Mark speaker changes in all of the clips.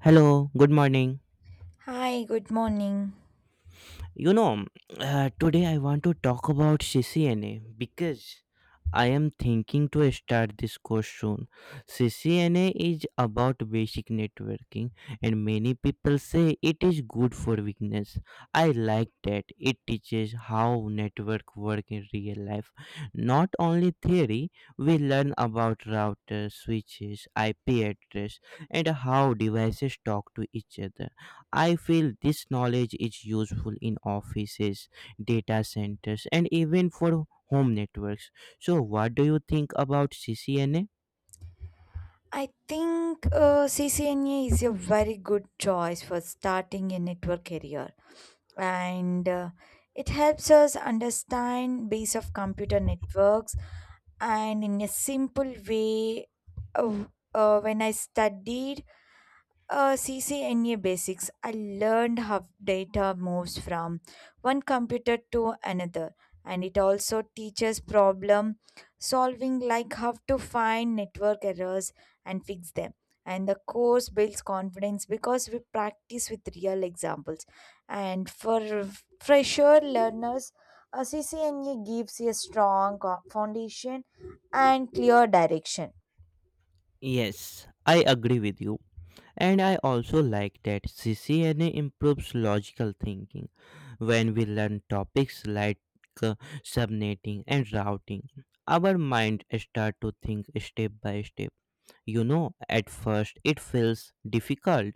Speaker 1: Hello, good morning.
Speaker 2: Hi, good morning.
Speaker 1: You know, Today I want to talk about CCNA because I am thinking to start this course soon. CCNA is about basic networking, and many people say it is good for weakness. I like that it teaches how network work in real life. Not only theory, we learn about routers, switches, IP address, and how devices talk to each other. I feel this knowledge is useful in offices, data centers, and even for home networks. So, what do you think about CCNA?
Speaker 2: I think CCNA is a very good choice for starting a network career, and it helps us understand base of computer networks and in a simple way. Uh, when I studied. CCNA basics. I learned how data moves from one computer to another, and it also teaches problem solving, like how to find network errors and fix them. And the course builds confidence because we practice with real examples. And for fresher learners, a CCNA gives you a strong foundation and clear direction.
Speaker 1: Yes, I agree with you. And I also like that CCNA improves logical thinking when we learn topics like uh, subnetting and routing. Our mind start to think step by step. You know, at first it feels difficult,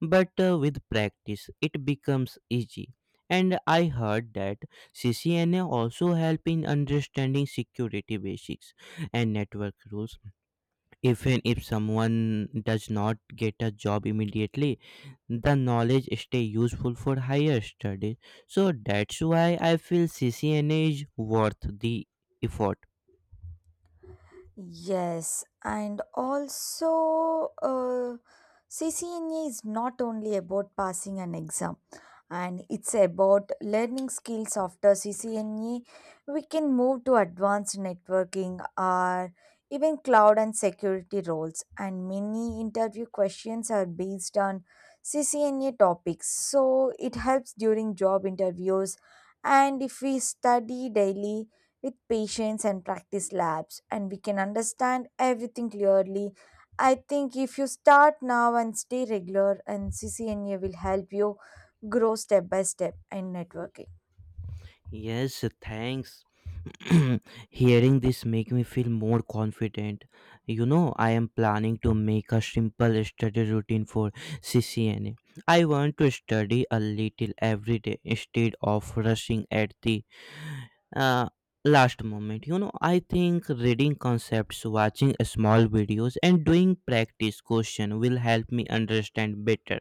Speaker 1: but with practice it becomes easy. And I heard that CCNA also help in understanding security basics and network rules, even if someone does not get a job immediately, the knowledge stay useful for higher studies. So that's why I feel CCNA is worth the effort.
Speaker 2: Yes, and also, CCNA is not only about passing an exam, and it's about learning skills after CCNA. We can move to advanced networking or even cloud and security roles, and many interview questions are based on CCNA topics. So it helps during job interviews, and if we study daily with patience and practice labs, and we can understand everything clearly. I think if you start now and stay regular, and CCNA will help you grow step by step in networking.
Speaker 1: Yes, thanks. Hearing this make me feel more confident. You know, I am planning to make a simple study routine for CCNA. Want to study a little every day instead of rushing at the uh, last moment. I think reading concepts, watching small videos, and doing practice question will help me understand better.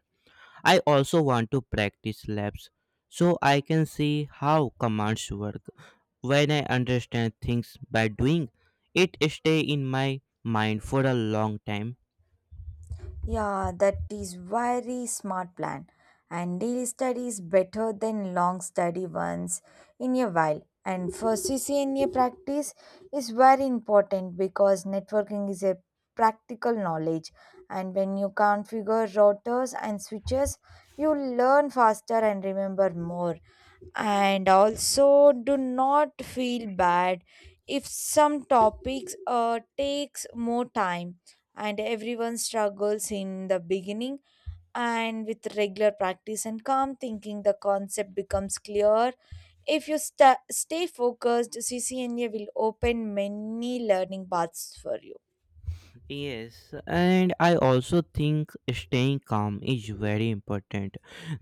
Speaker 1: I also want to practice labs so I can see how commands work. When I understand things by doing, it stay in my mind for a long time.
Speaker 2: Yeah, that is very smart plan. And daily study is better than long study once in a while. And for CCNA practice is very important because networking is a practical knowledge. And when you configure routers and switches, you learn faster and remember more. And also do not feel bad if some topics takes more time, and everyone struggles in the beginning, and with regular practice and calm thinking the concept becomes clear. If you stay focused, CCNA will open many learning paths for you.
Speaker 1: Yes, and I also think staying calm is very important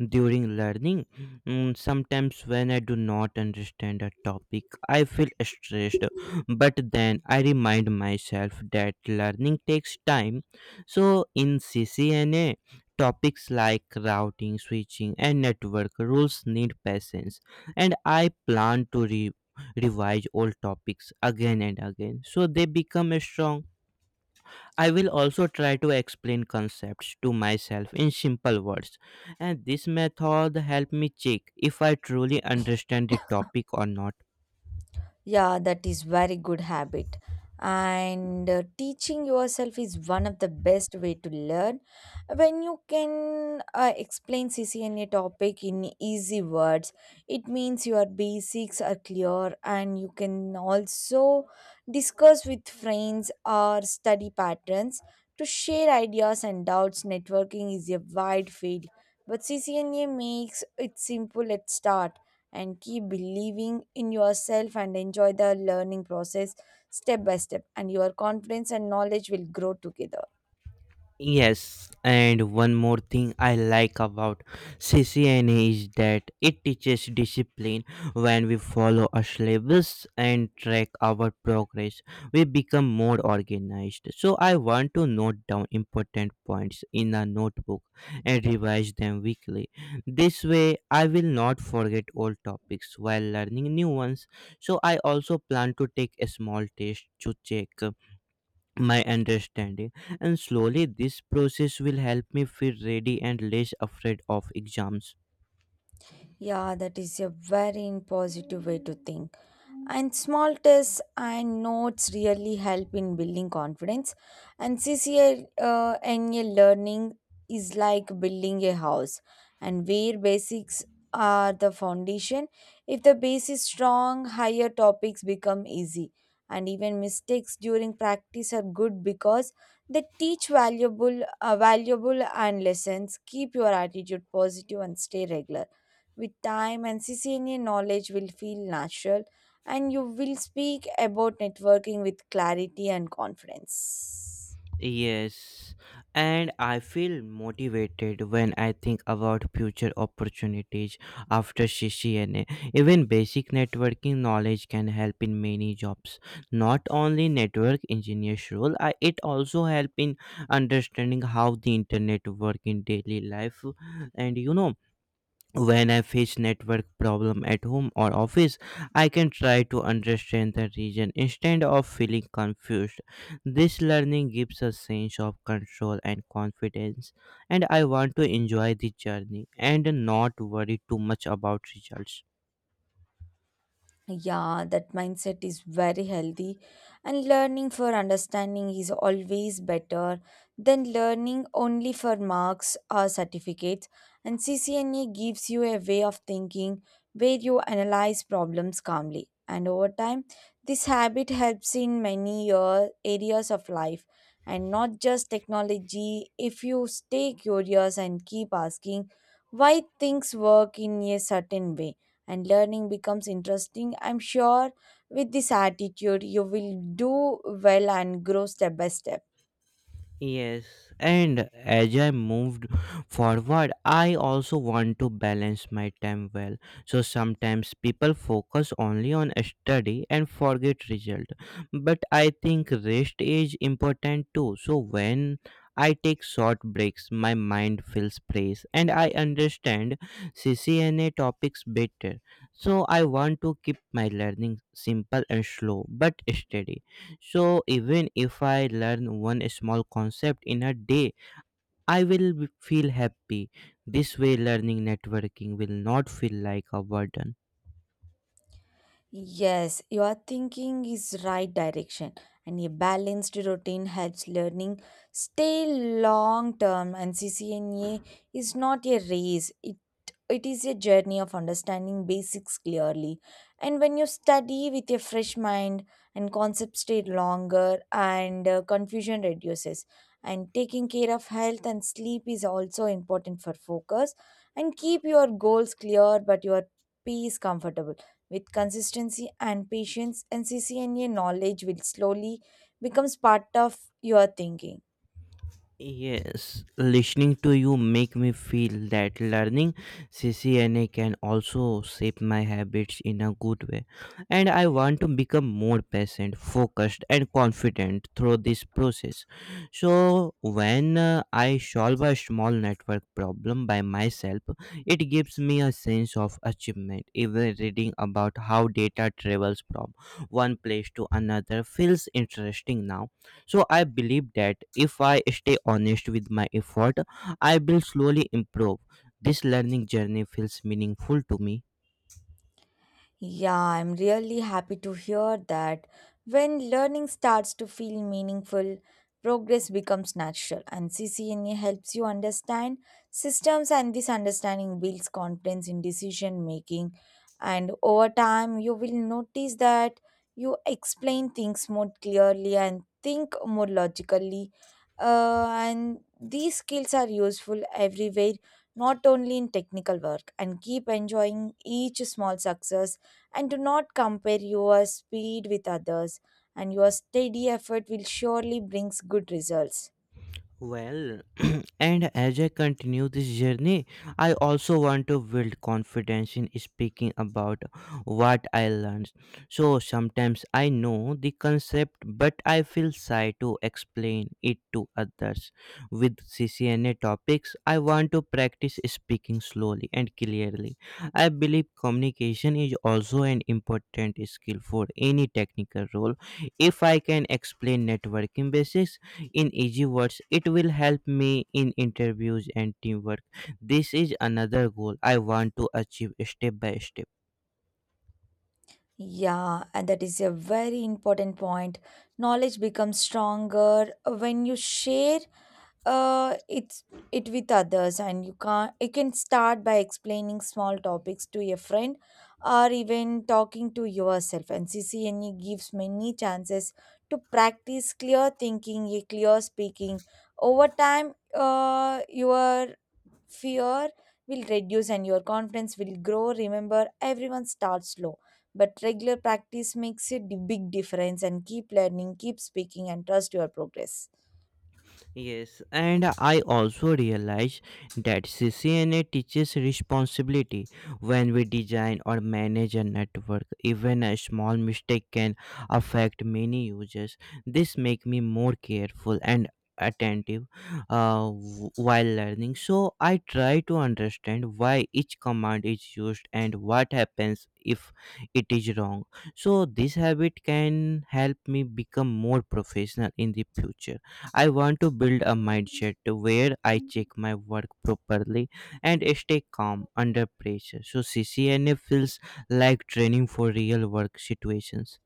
Speaker 1: during learning. Mm, sometimes, when I do not understand a topic, I feel stressed, but then I remind myself that learning takes time. So, in CCNA, topics like routing, switching, and network rules need patience, and I plan to revise all topics again and again so they become strong. I will also try to explain concepts to myself in simple words, and this method help me check if I truly understand the topic or not.
Speaker 2: Yeah, that is very good habit. And teaching yourself is one of the best way to learn. When you can explain CCNA topic in easy words, it means your basics are clear, and you can also discuss with friends or study patterns to share ideas and doubts. Networking is a wide field, but CCNA makes it simple at start, and keep believing in yourself and enjoy the learning process step by step, and your confidence and knowledge will grow together.
Speaker 1: Yes, and one more thing I like about CCNA is that it teaches discipline. When we follow a syllabus and track our progress, we become more organized. So I want to note down important points in a notebook and revise them weekly. This way, I will not forget old topics while learning new ones. So I also plan to take a small test to check my understanding, and slowly this process will help me feel ready and less afraid of exams.
Speaker 2: Yeah, that is a very positive way to think. And small tests and notes really help in building confidence. And C C A NA learning is like building a house, and where basics are the foundation. If the base is strong, higher topics become easy. And even mistakes during practice are good because they teach valuable, valuable and lessons. Keep your attitude positive and stay regular. With time, and CCNA knowledge will feel natural, and you will speak about networking with clarity and confidence.
Speaker 1: Yes, and I feel motivated when I think about future opportunities after CCNA. Even basic networking knowledge can help in many jobs, not only network engineer's role. I, it also help in understanding how the internet work in daily life. And when I face network problem at home or office, I can try to understand the region instead of feeling confused. This learning gives a sense of control and confidence, and I want to enjoy the journey and not worry too much about results.
Speaker 2: Yeah, that mindset is very healthy, and learning for understanding is always better than learning only for marks or certificates. And CCNA gives you a way of thinking where you analyze problems calmly. And over time, this habit helps in many areas of life and not just technology. If you stay curious and keep asking why things work in a certain way, and learning becomes interesting. I'm sure with this attitude, you will do well and grow step by step.
Speaker 1: Yes, and as I moved forward, I also want to balance my time well. So sometimes people focus only on study and forget result. But I think rest is important too. So when I take short breaks, my mind feels fresh and I understand CCNA topics better. So I want to keep my learning simple and slow but steady. So even if I learn one small concept in a day, I will feel happy. This way learning networking will not feel like a burden.
Speaker 2: Yes, your thinking is right direction, and a balanced routine helps learning stay long term, and CCNA is not a race. It is a journey of understanding basics clearly. And when you study with a fresh mind, and concepts stay longer, and confusion reduces. And taking care of health and sleep is also important for focus, and keep your goals clear but your peace comfortable. With consistency and patience, NCCNA knowledge will slowly becomes part of your thinking.
Speaker 1: Yes, listening to you make me feel that learning CCNA can also shape my habits in a good way, and I want to become more patient, focused, and confident through this process. So, when I solve a small network problem by myself, it gives me a sense of achievement. Even reading about how data travels from one place to another feels interesting now. So I believe that if I stay honest with my effort, I will slowly improve. This learning journey feels meaningful to me.
Speaker 2: Yeah, I'm really happy to hear that. When learning starts to feel meaningful, progress becomes natural, and CCNA helps you understand systems, and this understanding builds confidence in decision making. And over time, you will notice that you explain things more clearly and think more logically. And these skills are useful everywhere, not only in technical work, and keep enjoying each small success and do not compare your speed with others, and your steady effort will surely brings good results.
Speaker 1: Well, and as I continue this journey, I also want to build confidence in speaking about what I learned. So sometimes I know the concept, but I feel shy to explain it to others. With CCNA topics, I want to practice speaking slowly and clearly. I believe communication is also an important skill for any technical role. If I can explain networking basics in easy words, it will help me in interviews and teamwork. This is another goal I want to achieve step by step.
Speaker 2: Yeah, and that is a very important point. Knowledge becomes stronger when you share uh, it's it with others, and you can start by explaining small topics to a friend, or even talking to yourself. And CCNE gives many chances to practice clear thinking, a clear speaking. Over time, your fear will reduce and your confidence will grow. Remember everyone starts slow, but regular practice makes a big difference, and keep learning, keep speaking, and trust your progress.
Speaker 1: Yes, and I also realize that CCNA teaches responsibility when we design or manage a network. Even a small mistake can affect many users. This makes me more careful and attentive while learning. So I try to understand why each command is used and what happens if it is wrong. So this habit can help me become more professional in the future. I want to build a mindset where I check my work properly and stay calm under pressure. So CCNA feels like training for real work situations.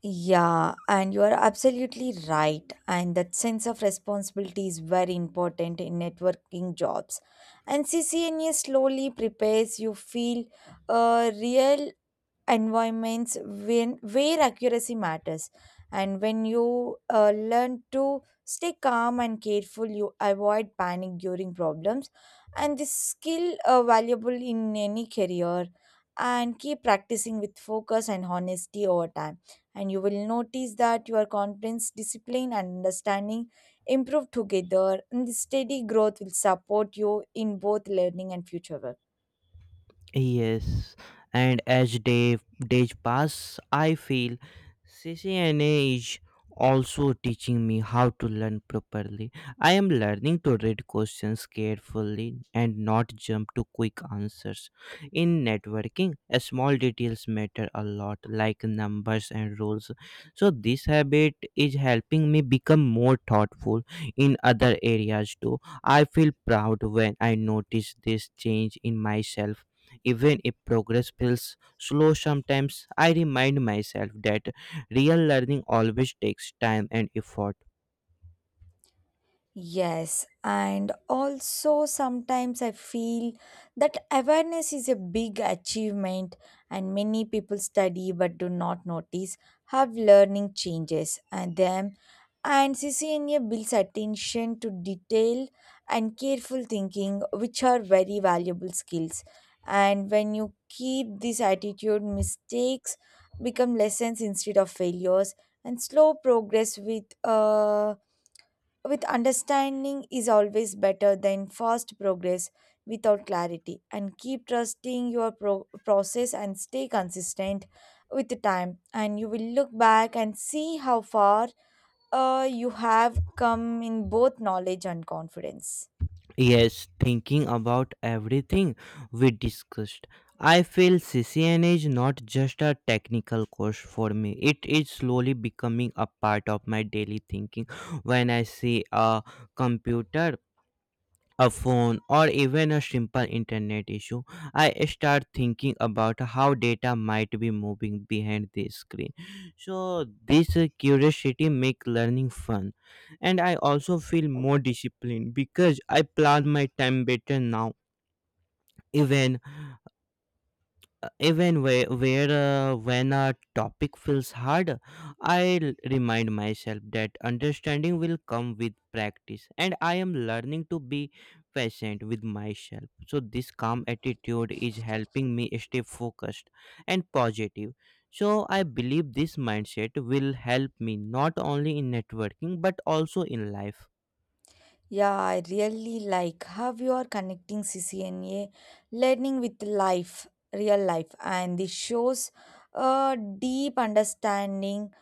Speaker 2: Yeah, and you are absolutely right, and that sense of responsibility is very important in networking jobs, and CCNA slowly prepares you feel a real environments when where accuracy matters. And when you learn to stay calm and careful, you avoid panic during problems, and this skill valuable in any career, and keep practicing with focus and honesty over time, and you will notice that your confidence, discipline, and understanding improve together, and the steady growth will support you in both learning and future work.
Speaker 1: Yes, and as days pass, I feel CCNA is also teaching me how to learn properly. I am learning to read questions carefully and not jump to quick answers. In networking, small details matter a lot, like numbers and rules. So this habit is helping me become more thoughtful in other areas too. I feel proud when I notice this change in myself. Even if progress feels slow sometimes, I remind myself that real learning always takes time and effort.
Speaker 2: Yes, and also sometimes I feel that awareness is a big achievement, and many people study but do not notice have learning changes and them. And CCNA builds attention to detail and careful thinking, which are very valuable skills. And when you keep this attitude, mistakes become lessons instead of failures, and slow progress with with understanding is always better than fast progress without clarity, and keep trusting your process and stay consistent with the time, and you will look back and see how far you have come in both knowledge and confidence.
Speaker 1: Yes, thinking about everything we discussed, I feel CCNA is not just a technical course for me. It is slowly becoming a part of my daily thinking. When I see a computer, a phone, or even a simple internet issue, I start thinking about how data might be moving behind the screen. So this curiosity makes learning fun, and I also feel more disciplined because I plan my time better now. Even even where When a topic feels hard, I remind myself that understanding will come with practice, and I am learning to be patient with myself. So this calm attitude is helping me stay focused and positive. So I believe this mindset will help me not only in networking but also in life.
Speaker 2: Yeah, I really like how you are connecting CCNA learning with life, real life, and this shows a deep understanding,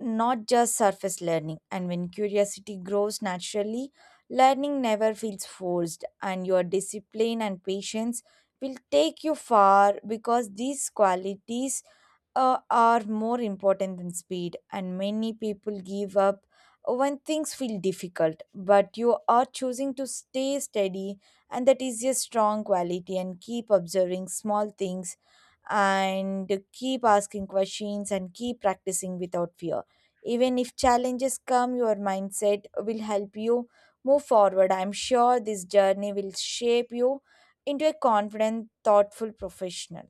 Speaker 2: not just surface learning. And when curiosity grows naturally, learning never feels forced, and your discipline and patience will take you far because these qualities are more important than speed. And many people give up when things feel difficult, but you are choosing to stay steady, and that is a strong quality. And keep observing small things and keep asking questions and keep practicing without fear. Even if challenges come, your mindset will help you move forward. I'm sure this journey will shape you into a confident, thoughtful professional.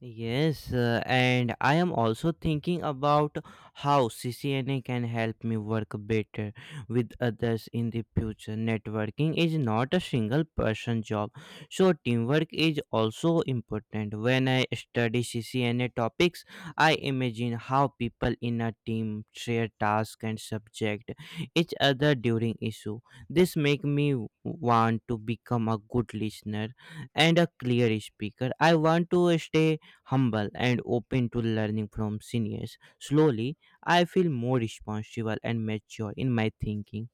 Speaker 1: Yes, and I am also thinking about how CCNA can help me work better with others in the future. Networking is not a single person job, so teamwork is also important. When I study CCNA topics, I imagine how people in a team share tasks and subject each other during issue. This make me want to become a good listener and a clear speaker. I want to stay humble and open to learning from seniors. Slowly, I feel more responsible and mature in my thinking.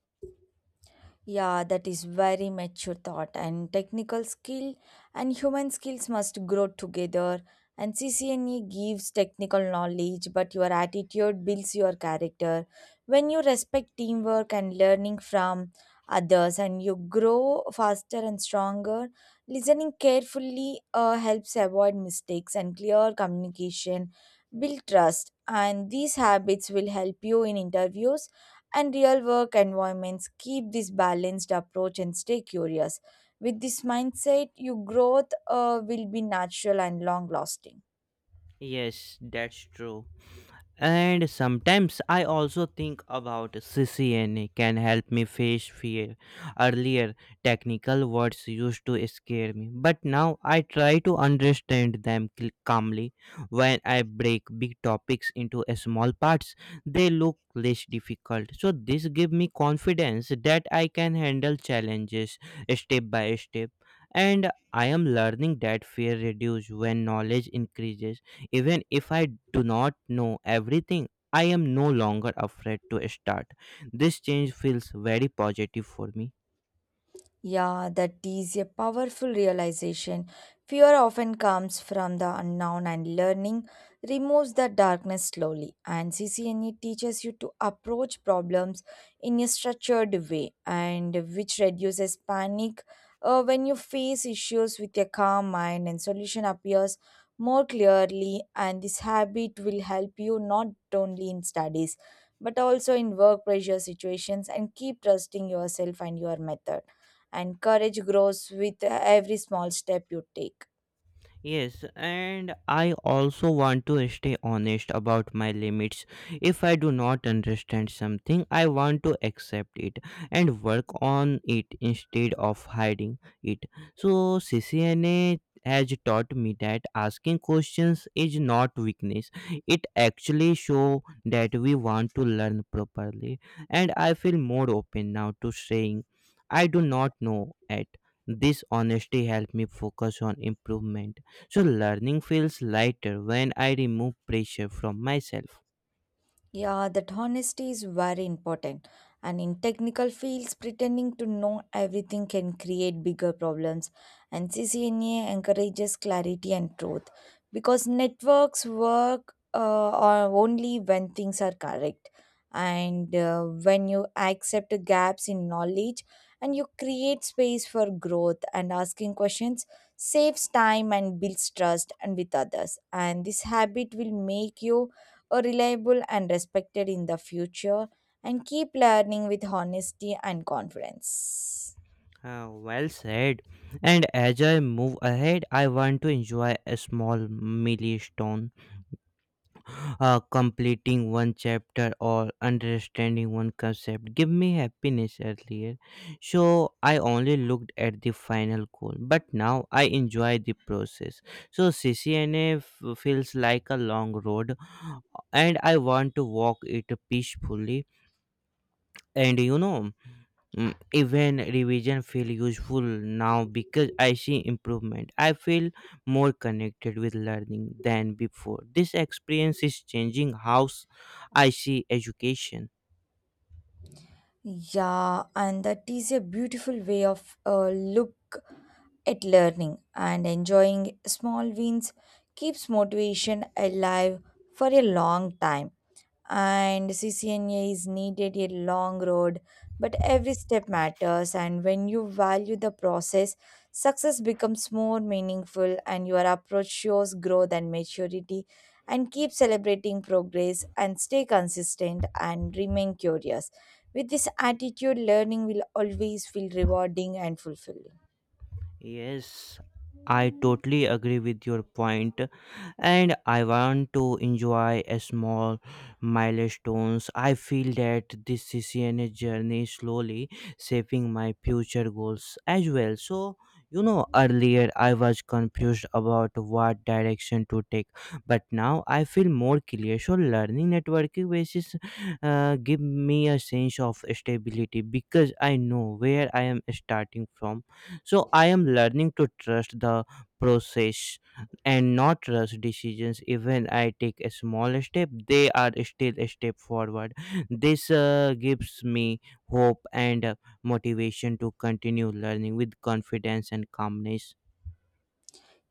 Speaker 2: Yeah, that is very mature thought, and technical skill and human skills must grow together. And CCNE gives technical knowledge, but your attitude builds your character. When you respect teamwork and learning from others, and you grow faster and stronger, listening carefully helps avoid mistakes and clear communication, build trust. And these habits will help you in interviews and real work environments. Keep this balanced approach and stay curious. With this mindset, your growth will be natural and long lasting.
Speaker 1: Yes, that's true. And sometimes I also think about CCNA can help me face fear. Earlier, technical words used to scare me, but now I try to understand them calmly. When I break big topics into a small parts, they look less difficult. So this gives me confidence that I can handle challenges step by step. And I am learning that fear reduces when knowledge increases. Even if I do not know everything, I am no longer afraid to start. This change feels very positive for me.
Speaker 2: Yeah, that is a powerful realization. Fear often comes from the unknown, and learning removes the darkness slowly. And CCNE teaches you to approach problems in a structured way, and which reduces panic when you face issues with a calm mind, and solution appears more clearly. And this habit will help you not only in studies but also in work pressure situations, and keep trusting yourself and your method, and courage grows with every small step you take.
Speaker 1: Yes, and I also want to stay honest about my limits. If I do not understand something, I want to accept it and work on it instead of hiding it. So, CCNA has taught me that asking questions is not weakness. It actually shows that we want to learn properly, and I feel more open now to saying, I do not know. At this, honesty helped me focus on improvement, so learning feels lighter when I remove pressure from myself.
Speaker 2: Yeah, that honesty is very important. And in technical fields, pretending to know everything can create bigger problems. And CCNA encourages clarity and truth because networks work only when things are correct. And when you accept gaps in knowledge, and you create space for growth, and asking questions saves time and builds trust and with others. And this habit will make you or reliable and respected in the future, and keep learning with honesty and confidence.
Speaker 1: Ah, well said. And as I move ahead, I want to enjoy a small milestone, completing one chapter or understanding one concept. Give me happiness earlier. So I only looked at the final goal, but now I enjoy the process. So CCNA feels like a long road, and I want to walk it peacefully. And even revision feel useful now, because I see improvement. I feel more connected with learning than before. This experience is changing how I see education.
Speaker 2: Yeah, and that is a beautiful way of look at learning, and enjoying small wins keeps motivation alive for a long time. And CCNA is needed a long road, but every step matters. And when you value the process, success becomes more meaningful, and your approach shows growth and maturity. And keep celebrating progress and stay consistent and remain curious. With this attitude, learning will always feel rewarding and fulfilling.
Speaker 1: Yes, I totally agree with your point, and I want to enjoy a small milestones. I feel that this CCNA journey is slowly shaping my future goals as well. So, earlier I was confused about what direction to take, but now I feel more clear. So, learning networking basis give me a sense of stability because I know where I am starting from. So, I am learning to trust the process and not rush decisions. Even I take a small step, they are still a step forward. This gives me hope and motivation to continue learning with confidence and calmness.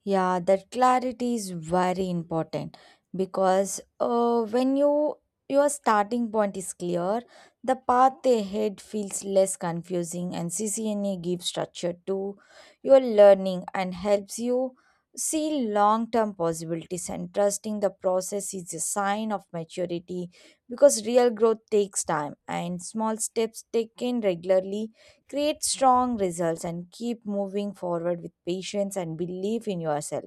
Speaker 2: Yeah, that clarity is very important because when you your starting point is clear, the path ahead feels less confusing, and CCNA gives structure to your learning and helps you see long term possibilities. And trusting the process is a sign of maturity because real growth takes time, and small steps taken regularly create strong results and keep moving forward with patience and belief in yourself,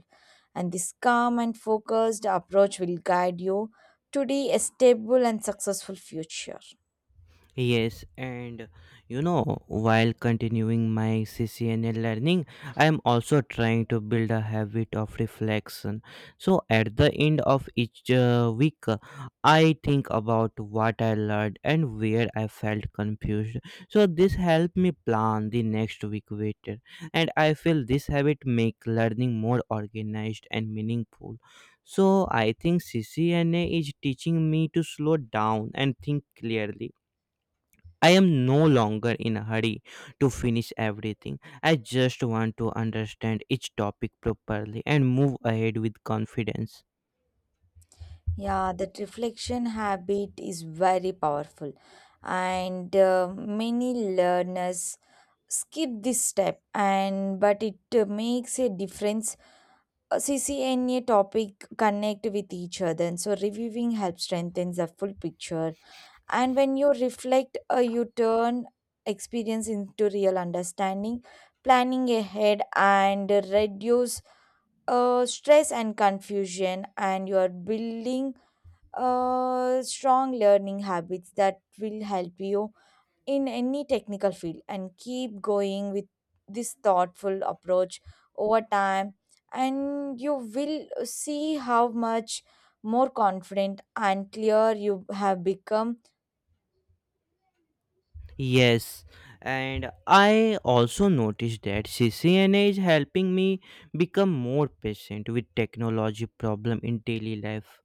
Speaker 2: and this calm and focused approach will guide you today a stable and successful future.
Speaker 1: Yes, and you know, while continuing my CCNA learning, I am also trying to build a habit of reflection. So, at the end of each week, I think about what I learned and where I felt confused. So, this helped me plan the next week better, and I feel this habit make learning more organized and meaningful. So, I think CCNA is teaching me to slow down and think clearly. I am no longer in a hurry to finish everything. I just want to understand each topic properly and move ahead with confidence.
Speaker 2: Yeah, that reflection habit is very powerful, and many learners skip this step and but it makes a difference. CCNA topic connect with each other and so reviewing helps strengthens the full picture, and when you reflect, you turn experience into real understanding, planning ahead and reduce stress and confusion, and you are building strong learning habits that will help you in any technical field, and keep going with this thoughtful approach over time, and you will see how much more confident and clear you have become.
Speaker 1: Yes, and I also noticed that CCNA is helping me become more patient with technology problem in daily life.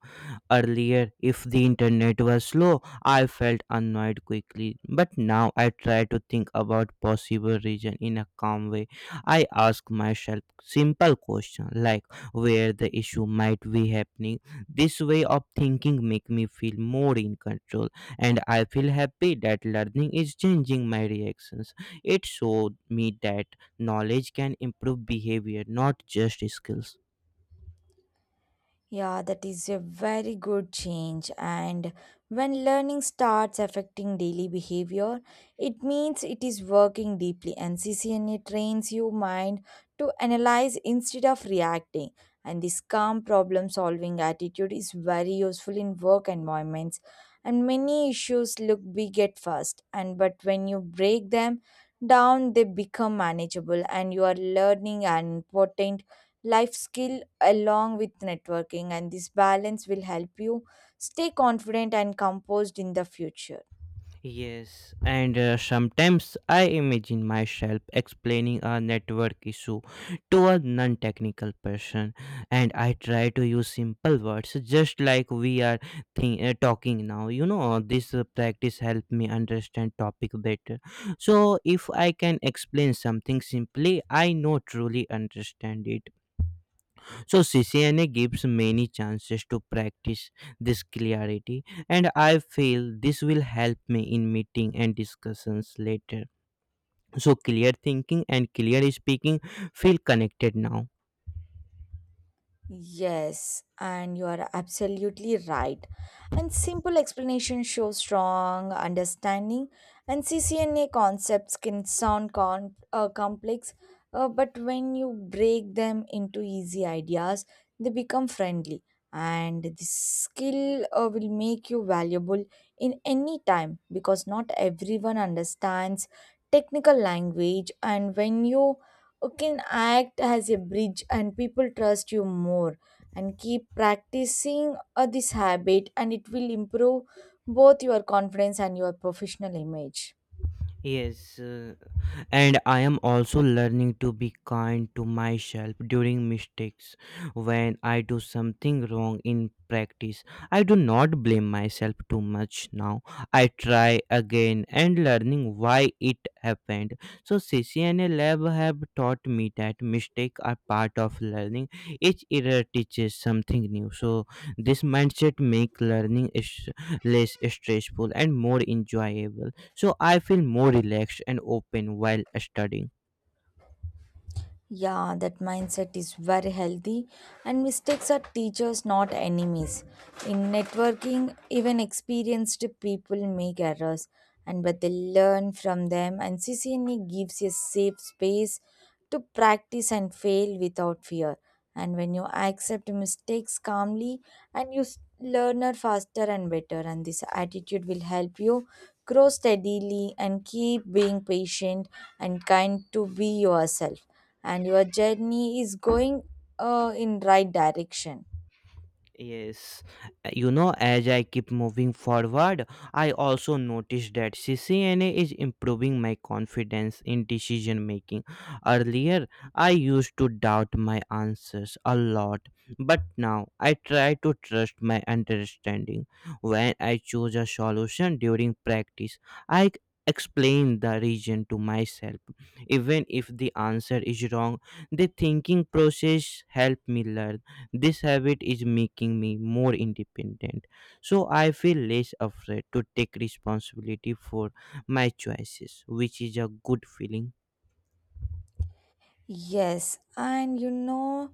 Speaker 1: Earlier, if the internet was slow, I felt annoyed quickly, but now I try to think about possible reason in a calm way. I ask myself simple question like where the issue might be happening. This way of thinking make me feel more in control, and I feel happy that learning is changing my reactions. It showed me that knowledge can improve behavior, not just skills.
Speaker 2: Yeah, that is a very good change. And when learning starts affecting daily behavior, it means it is working deeply. And CCNA trains your mind to analyze instead of reacting. And this calm problem solving attitude is very useful in work environments. And many issues look big at first, and but when you break them down, they become manageable, and you are learning an important life skill along with networking, and this balance will help you stay confident and composed in the future.
Speaker 1: Yes, and sometimes I imagine myself explaining a network issue to a non technical person, and I try to use simple words just like we are talking now. You know, this practice helped me understand topic better. So, if I can explain something simply, I know truly understand it. So CCNA gives many chances to practice this clarity, and I feel this will help me in meeting and discussions later. So clear thinking and clear speaking feel connected now.
Speaker 2: Yes, and you are absolutely right. And simple explanation shows strong understanding, and CCNA concepts can sound con complex, but when you break them into easy ideas, they become friendly, and this skill will make you valuable in any time because not everyone understands technical language, and when you can act as a bridge and people trust you more, and keep practicing this habit and it will improve both your confidence and your professional image.
Speaker 1: Yes, and I am also learning to be kind to myself during mistakes. When I do something wrong in practice, I do not blame myself too much now. I try again and learning why it happened. So CCNA lab have taught me that mistakes are part of learning. Each error teaches something new. So this mindset make learning is less stressful and more enjoyable, so I feel more relaxed and open while studying.
Speaker 2: Yeah, that mindset is very healthy, and mistakes are teachers not enemies. In networking even experienced people make errors, and but they learn from them, and CCNA gives a safe space to practice and fail without fear, and when you accept mistakes calmly, and you learn her faster and better, and this attitude will help you grow steadily, and keep being patient and kind to be yourself, and your journey is going in right direction.
Speaker 1: Yes, you know, as I keep moving forward, I also noticed that CCNA is improving my confidence in decision making. Earlier, I used to doubt my answers a lot, but now I try to trust my understanding. When I choose a solution during practice, I c- explain the reason to myself. Even if the answer is wrong, the thinking process helped me learn. This habit is making me more independent, so I feel less afraid to take responsibility for my choices, which is a good feeling.
Speaker 2: Yes, and you know,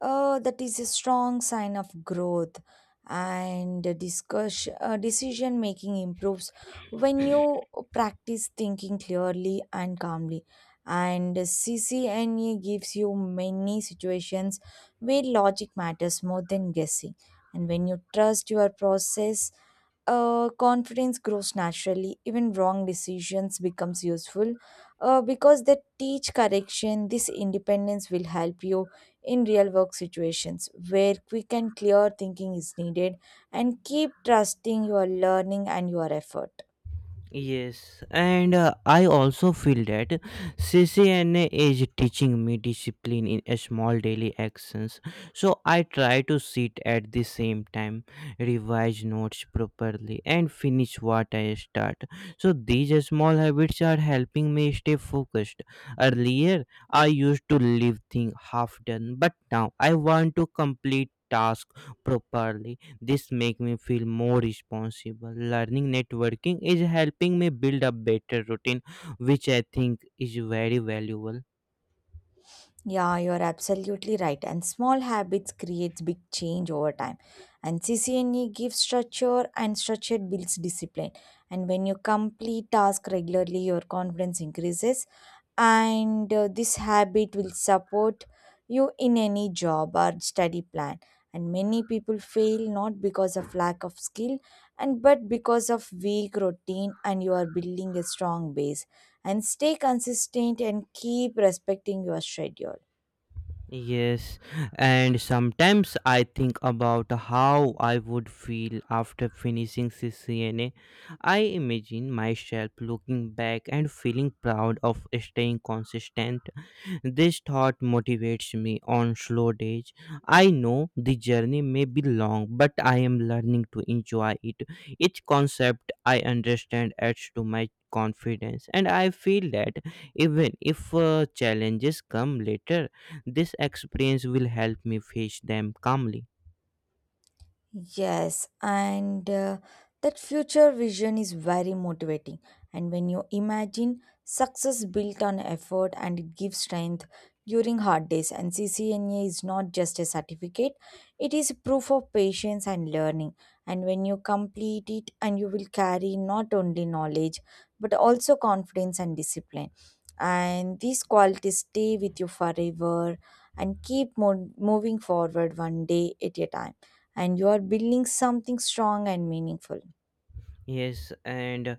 Speaker 2: that is a strong sign of growth, and the discussion, decision making improves when you practice thinking clearly and calmly. And CCNA gives you many situations where logic matters more than guessing. And when you trust your process, confidence grows naturally, even wrong decisions becomes useful because they teach correction. This independence will help you in real work situations where quick and clear thinking is needed, and keep trusting your learning and your effort.
Speaker 1: Yes, and I also feel that CCNA is teaching me discipline in a small daily actions. So I try to sit at the same time, revise notes properly, and finish what I start. So these small habits are helping me stay focused. Earlier, I used to leave things half done, but now I want to complete task properly. This make me feel more responsible. Learning networking is helping me build a better routine, which I think is very valuable.
Speaker 2: Yeah, you're absolutely right, and small habits creates big change over time, and CCNE gives structure and structure builds discipline. And when you complete task regularly, your confidence increases, and this habit will support you in any job or study plan. And many people fail not because of lack of skill, and but because of weak routine, and you are building a strong base. And stay consistent and keep respecting your schedule.
Speaker 1: Yes, and sometimes I think about how I would feel after finishing CCNA. I imagine myself looking back and feeling proud of staying consistent. This thought motivates me on slow days. I know the journey may be long, but I am learning to enjoy it. Each concept I understand adds to my confidence, and I feel that even if challenges come later, this experience will help me face them calmly.
Speaker 2: Yes, and that future vision is very motivating. And when you imagine success built on effort, and it gives strength during hard days, and CCNA is not just a certificate, it is proof of patience and learning. And when you complete it, and you will carry not only knowledge but also confidence and discipline. And these qualities stay with you forever, and keep moving forward one day at a time, and you are building something strong and meaningful.
Speaker 1: Yes, and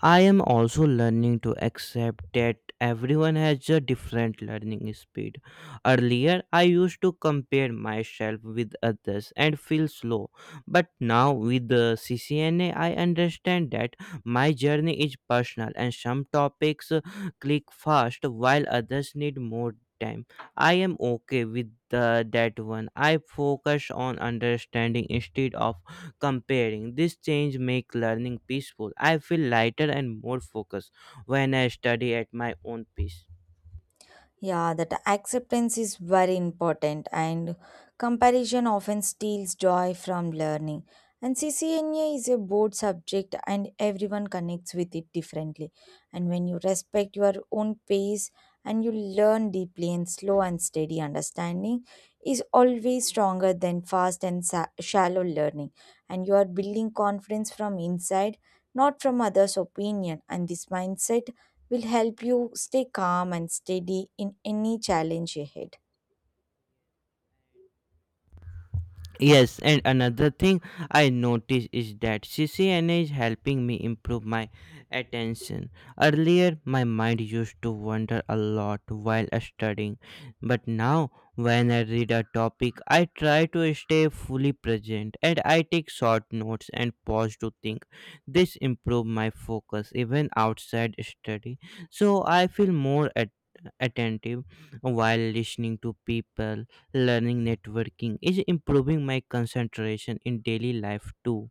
Speaker 1: I am also learning to accept that everyone has a different learning speed. Earlier, I used to compare myself with others and feel slow, but now with the CCNA, I understand that my journey is personal and some topics click fast while others need more time. I am okay with the, that one. I focus on understanding instead of comparing. This change make learning peaceful. I feel lighter and more focused when I study at my own pace.
Speaker 2: Yeah, that acceptance is very important, and comparison often steals joy from learning. And CCNA is a broad subject, and everyone connects with it differently. And when you respect your own pace and you learn deeply, and slow and steady understanding is always stronger than fast and shallow learning. And you are building confidence from inside, not from others' opinion. And this mindset will help you stay calm and steady in any challenge ahead.
Speaker 1: Yes, and another thing I notice is that CCNA is helping me improve my attention. Earlier, my mind used to wander a lot while studying, but now when I read a topic, I try to stay fully present and I take short notes and pause to think. This improves my focus even outside study, so I feel more attentive while listening to people. Learning networking is improving my concentration in daily life too.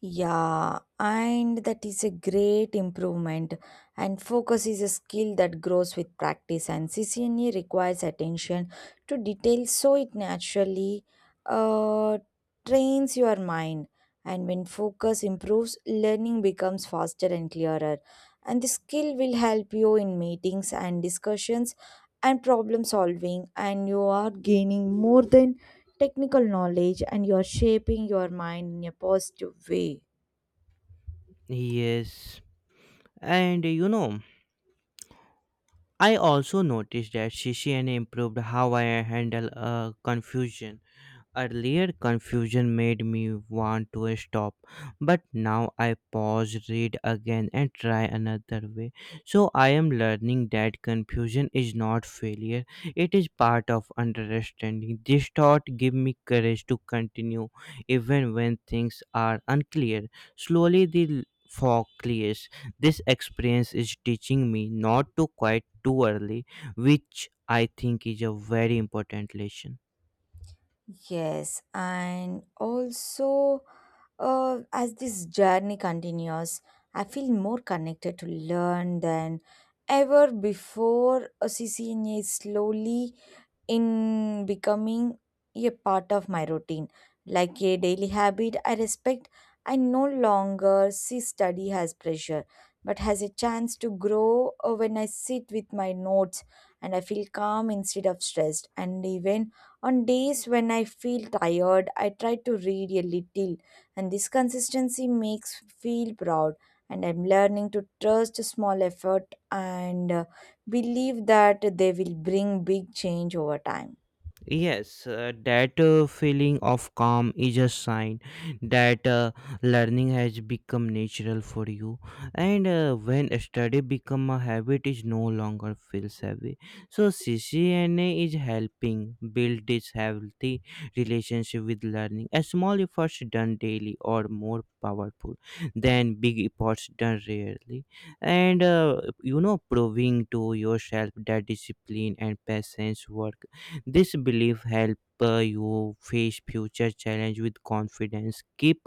Speaker 2: Yeah, and that is a great improvement. And focus is a skill that grows with practice, and CCNE requires attention to detail so it naturally uh, trains your mind. And when focus improves, learning becomes faster and clearer. And the skill will help you in meetings and discussions and problem solving, and you are gaining more than technical knowledge, and you are shaping your mind in a positive way.
Speaker 1: Yes, and you know, I also noticed that CCNA improved how I handle confusion. Earlier, confusion made me want to stop, but now I pause, read again, and try another way. So I am learning that confusion is not failure, it is part of understanding. This thought gave me courage to continue even when things are unclear. Slowly, fog clears. This experience is teaching me not to quit too early, which I think is a very important lesson.
Speaker 2: Yes, and also as this journey continues, I feel more connected to learn than ever before. CCNA is slowly in becoming a part of my routine, like a daily habit I respect. I no longer see study as pressure, but as a chance to grow. When I sit with my notes and I feel calm instead of stressed. And even on days when I feel tired, I try to read a little, and this consistency makes me feel proud. And I'm learning to trust small effort and believe that they will bring big change over time.
Speaker 1: Yes, that feeling of calm is a sign that learning has become natural for you, and when study become a habit, it no longer feels heavy. So CCNA is helping build this healthy relationship with learning. A small efforts done daily or more powerful than big efforts done rarely, and you know, proving to yourself that discipline and patience work. This belief help you face future challenge with confidence. Keep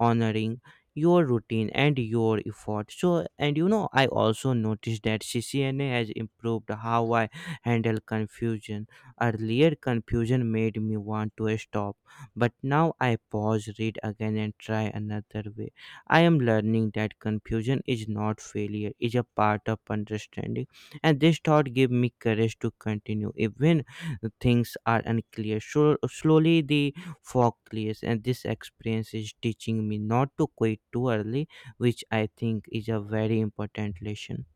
Speaker 1: honoring your routine and your effort. So, and you know, I also noticed that CCNA has improved how I handle confusion. Earlier, confusion made me want to stop, but now I pause, read again, and try another way. I am learning that confusion is not failure; is a part of understanding, and this thought gave me courage to continue even the things are unclear. So slowly the fog clears, and this experience is teaching me not to quit too early, which I think is a very important lesson.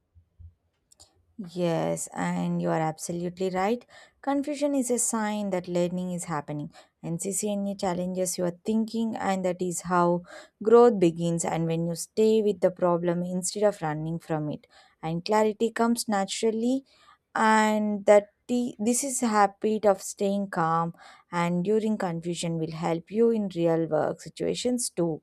Speaker 2: Yes, and you are absolutely right. Confusion is a sign that learning is happening. NCCNA challenges your thinking, and that is how growth begins. And when you stay with the problem instead of running from it, and clarity comes naturally, and this is habit of staying calm and during confusion will help you in real work situations too.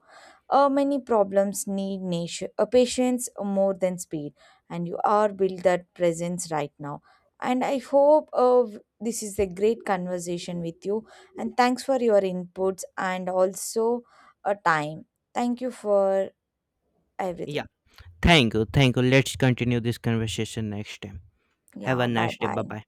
Speaker 2: Many problems need patience more than speed, and you are built that presence right now. And I hope this is a great conversation with you. And thanks for your inputs and also a time. Thank you for
Speaker 1: Yeah.
Speaker 2: everything.
Speaker 1: Thank you. Thank you. Let's continue this conversation next time. Have a
Speaker 2: Yeah, bye
Speaker 1: nice day. Bye
Speaker 2: bye.
Speaker 1: bye.